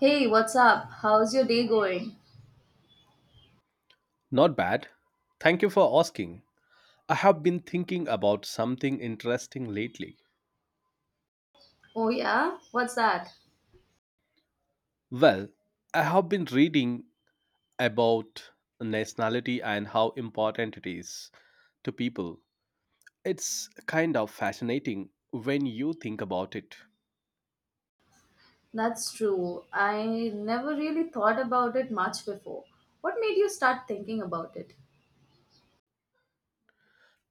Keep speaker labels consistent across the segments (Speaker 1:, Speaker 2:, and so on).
Speaker 1: Hey, what's up? How's your day going?
Speaker 2: Not bad. Thank you for asking. I have been thinking about something interesting lately.
Speaker 1: Oh, yeah? What's that?
Speaker 2: Well, I have been reading about nationality and how important it is to people. It's kind of fascinating when you think about it.
Speaker 1: That's true. I never really thought about it much before. What made you start thinking about it?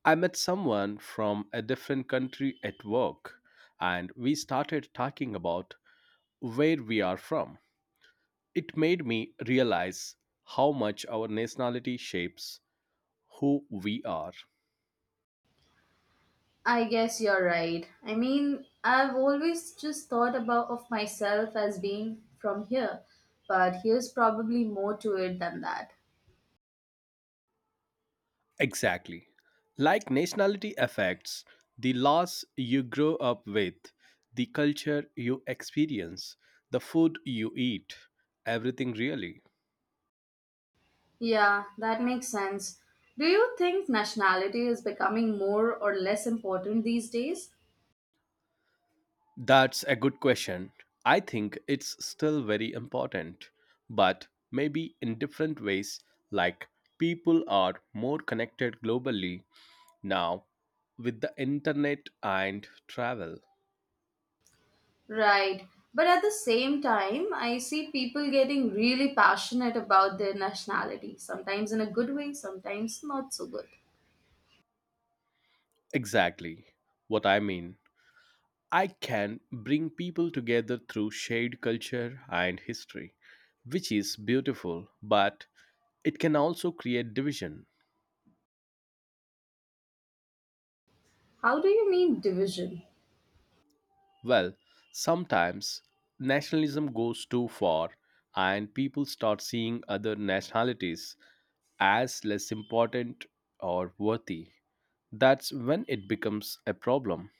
Speaker 2: I met someone from a different country at work, and we started talking about where we are from. It made me realize how much our nationality shapes who we are.
Speaker 1: I guess you're right. I mean, I've always just thought about of myself as being from here, but here's probably more to it than that.
Speaker 2: Exactly. Like, nationality affects the laws you grow up with, the culture you experience, the food you eat, everything really.
Speaker 1: Yeah, that makes sense. Do you think nationality is becoming more or less important these days?
Speaker 2: That's a good question. I think it's still very important, but maybe in different ways, like people are more connected globally now with the internet and travel.
Speaker 1: Right. But at the same time, I see people getting really passionate about their nationality, sometimes in a good way, sometimes not so good.
Speaker 2: Exactly what I mean. I can bring people together through shared culture and history, which is beautiful, but it can also create division.
Speaker 1: How do you mean division?
Speaker 2: Well, sometimes nationalism goes too far and people start seeing other nationalities as less important or worthy. That's when it becomes a problem.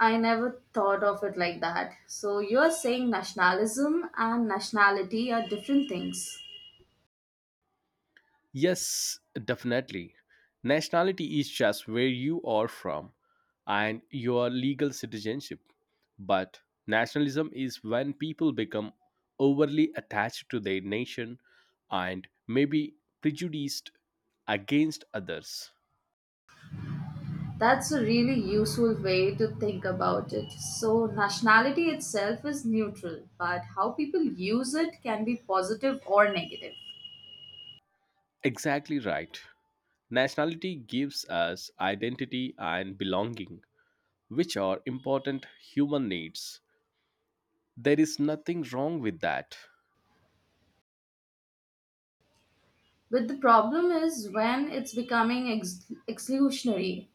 Speaker 1: I never thought of it like that. So you're saying nationalism and nationality are different things.
Speaker 2: Yes, definitely. Nationality is just where you are from and your legal citizenship. But nationalism is when people become overly attached to their nation and maybe prejudiced against others.
Speaker 1: That's a really useful way to think about it. So nationality itself is neutral, but how people use it can be positive or negative.
Speaker 2: Exactly right. Nationality gives us identity and belonging, which are important human needs. There is nothing wrong with that.
Speaker 1: But the problem is when it's becoming exclusionary.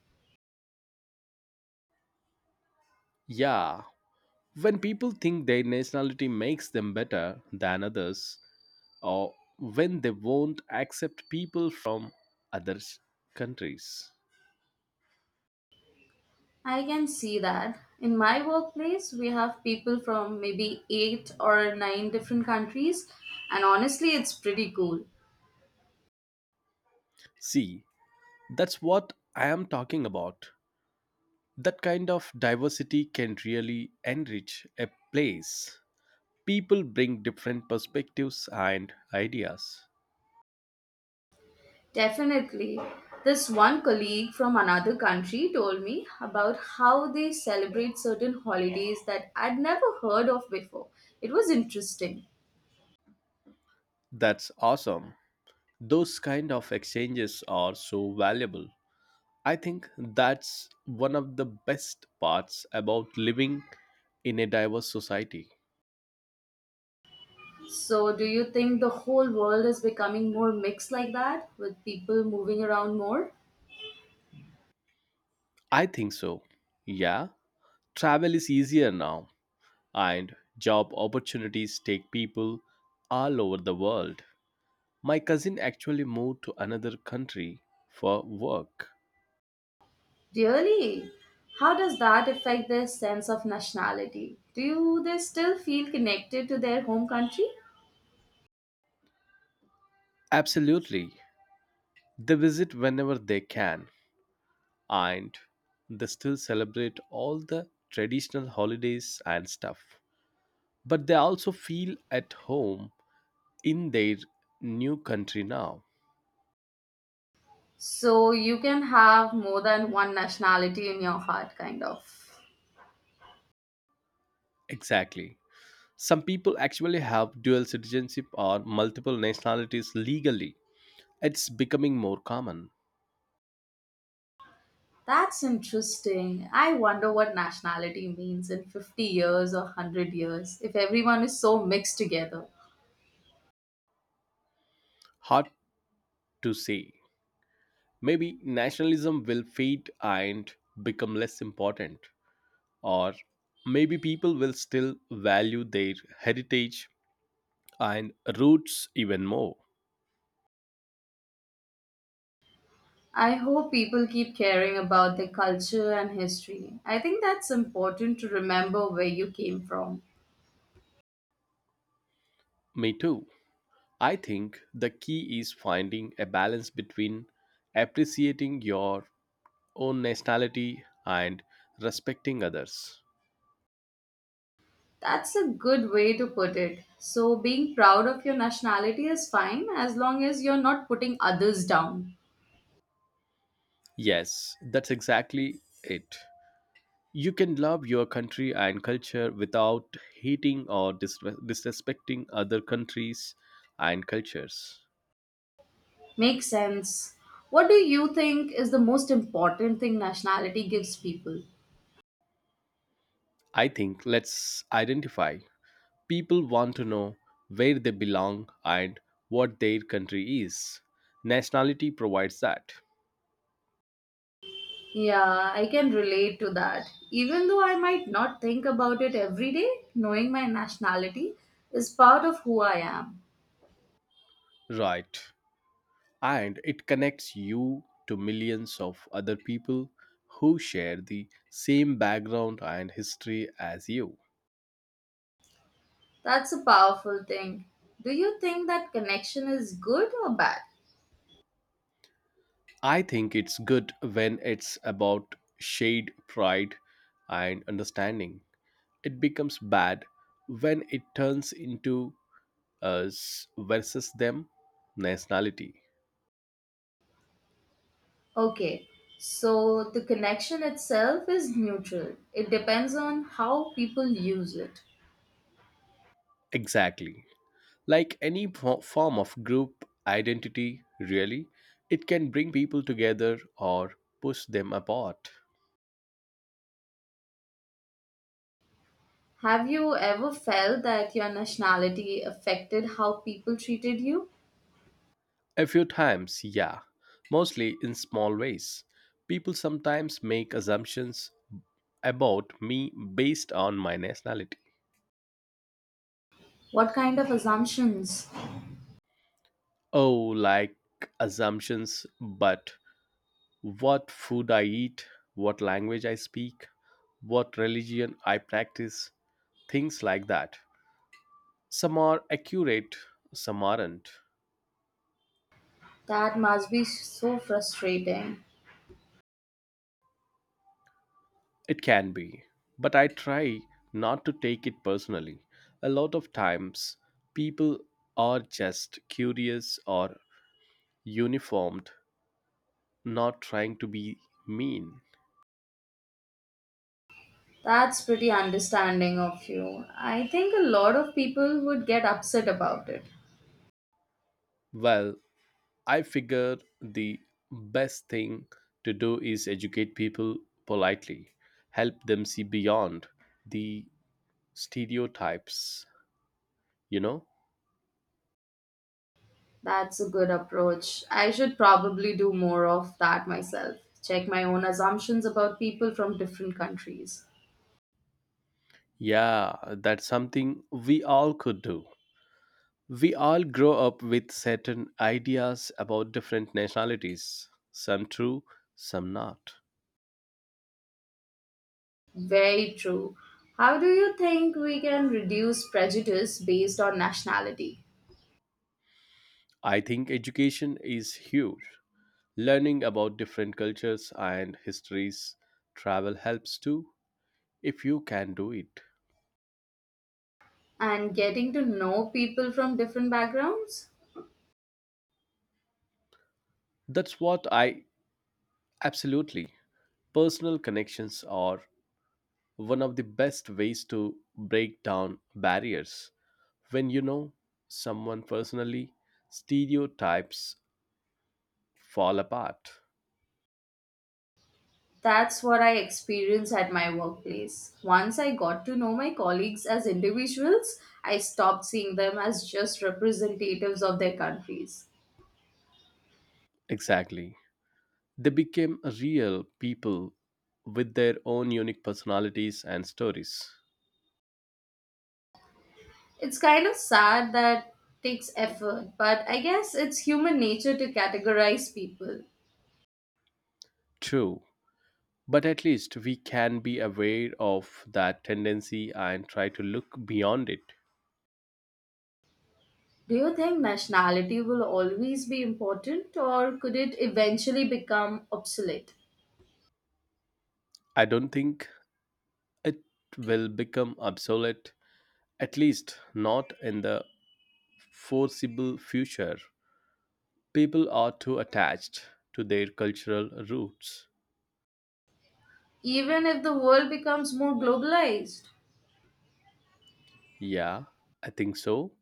Speaker 2: Yeah, when people think their nationality makes them better than others, or when they won't accept people from other s- countries.
Speaker 1: I can see that. In my workplace, we have people from maybe eight or nine different countries, and honestly, it's pretty cool.
Speaker 2: See, that's what I am talking about. That kind of diversity can really enrich a place. People bring different perspectives and ideas.
Speaker 1: Definitely. This one colleague from another country told me about how they celebrate certain holidays that I'd never heard of before. It was interesting.
Speaker 2: That's awesome. Those kind of exchanges are so valuable. I think that's one of the best parts about living in a diverse society.
Speaker 1: So, do you think the whole world is becoming more mixed like that, with people moving around more?
Speaker 2: I think so. Yeah, travel is easier now, and job opportunities take people all over the world. My cousin actually moved to another country for work.
Speaker 1: Really? How does that affect their sense of nationality? Do they still feel connected to their home country?
Speaker 2: Absolutely. They visit whenever they can, and they still celebrate all the traditional holidays and stuff. But they also feel at home in their new country now.
Speaker 1: So you can have more than one nationality in your heart, kind of.
Speaker 2: Exactly. Some people actually have dual citizenship or multiple nationalities legally. It's becoming more common.
Speaker 1: That's interesting. I wonder what nationality means in 50 years or 100 years if everyone is so mixed together.
Speaker 2: Hard to say. Maybe nationalism will fade and become less important. Or maybe people will still value their heritage and roots even more.
Speaker 1: I hope people keep caring about their culture and history. I think that's important to remember where you came from.
Speaker 2: Me too. I think the key is finding a balance between appreciating your own nationality and respecting others.
Speaker 1: That's a good way to put it. So, being proud of your nationality is fine as long as you're not putting others down.
Speaker 2: Yes, that's exactly it. You can love your country and culture without hating or disrespecting other countries and cultures.
Speaker 1: Makes sense. What do you think is the most important thing nationality gives people?
Speaker 2: I think let's identify. People want to know where they belong and what their country is. Nationality provides that.
Speaker 1: Yeah, I can relate to that. Even though I might not think about it every day, knowing my nationality is part of who I am.
Speaker 2: Right, and it connects you to millions of other people who share the same background and history as you.
Speaker 1: That's a powerful thing. Do you think that connection is good or bad?
Speaker 2: I think it's good when it's about shade, pride, and understanding. It becomes bad when it turns into us versus them nationality.
Speaker 1: Okay, so the connection itself is neutral. It depends on how people use it.
Speaker 2: Exactly. Like any form of group identity, really, it can bring people together or push them apart.
Speaker 1: Have you ever felt that your nationality affected how people treated you?
Speaker 2: A few times, yeah, mostly in small ways. People sometimes make assumptions about me based on my nationality.
Speaker 1: What kind of assumptions?
Speaker 2: Oh, like assumptions, but what food I eat, what language I speak, what religion I practice, things like that. Some are accurate, some aren't.
Speaker 1: That must be so frustrating.
Speaker 2: It can be, but I try not to take it personally. A lot of times, people are just curious or uniformed, not trying to be mean.
Speaker 1: That's pretty understanding of you. I think a lot of people would get upset about it.
Speaker 2: Well, I figure the best thing to do is educate people politely, help them see beyond the stereotypes, you know?
Speaker 1: That's a good approach. I should probably do more of that myself. Check my own assumptions about people from different countries.
Speaker 2: Yeah, that's something we all could do. We all grow up with certain ideas about different nationalities, some true, some not.
Speaker 1: Very true. How do you think we can reduce prejudice based on nationality
Speaker 2: I think education is huge. Learning about different cultures and histories, travel helps too, if you can do it.
Speaker 1: and getting to know people from different backgrounds?
Speaker 2: That's what I absolutely. Personal connections are one of the best ways to break down barriers. When you know someone personally, stereotypes fall apart.
Speaker 1: That's what I experienced at my workplace. Once I got to know my colleagues as individuals, I stopped seeing them as just representatives of their countries.
Speaker 2: Exactly. They became real people with their own unique personalities and stories.
Speaker 1: It's kind of sad that takes effort, but I guess it's human nature to categorize people.
Speaker 2: True. But at least we can be aware of that tendency and try to look beyond it.
Speaker 1: Do you think nationality will always be important, or could it eventually become obsolete?
Speaker 2: I don't think it will become obsolete, at least not in the foreseeable future. People are too attached to their cultural roots.
Speaker 1: Even if the world becomes more globalized?
Speaker 2: Yeah, I think so.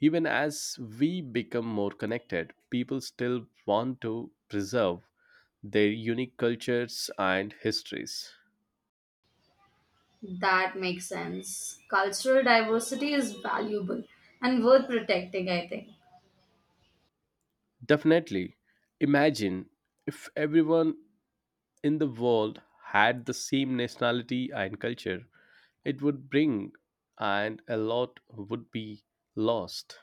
Speaker 2: Even as we become more connected, people still want to preserve their unique cultures and histories.
Speaker 1: That makes sense. Cultural diversity is valuable and worth protecting, I think.
Speaker 2: Definitely, imagine if everyone in the world had the same nationality and culture, it would bring and a lot would be lost.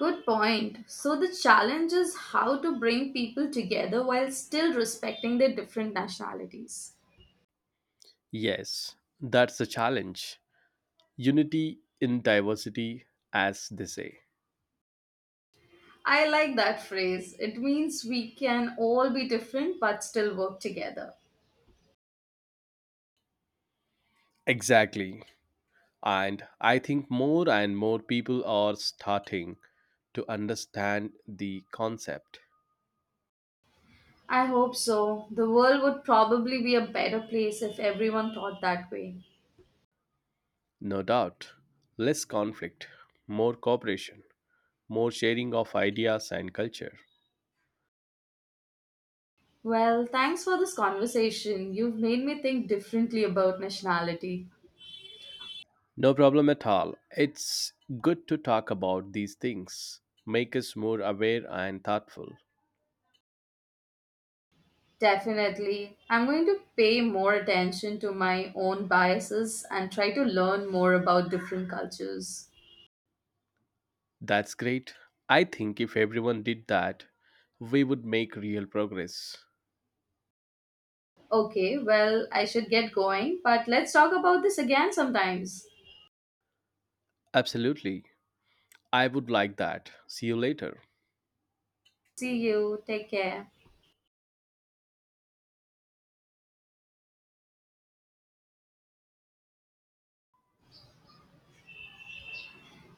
Speaker 1: Good point. So, the challenge is how to bring people together while still respecting their different nationalities.
Speaker 2: Yes, that's the challenge. Unity in diversity, as they say.
Speaker 1: I like that phrase. It means we can all be different but still work together.
Speaker 2: Exactly. And I think more and more people are starting to understand the concept.
Speaker 1: I hope so. The world would probably be a better place if everyone thought that way.
Speaker 2: No doubt, less conflict, more cooperation, more sharing of ideas and culture.
Speaker 1: Well, thanks for this conversation. You've made me think differently about nationality.
Speaker 2: No problem at all. It's good to talk about these things, make us more aware and thoughtful.
Speaker 1: Definitely. I'm going to pay more attention to my own biases and try to learn more about different cultures.
Speaker 2: That's great. I think if everyone did that, we would make real progress.
Speaker 1: Okay, well, I should get going, but let's talk about this again sometimes.
Speaker 2: Absolutely. I would like that. See you later.
Speaker 1: See you. Take care.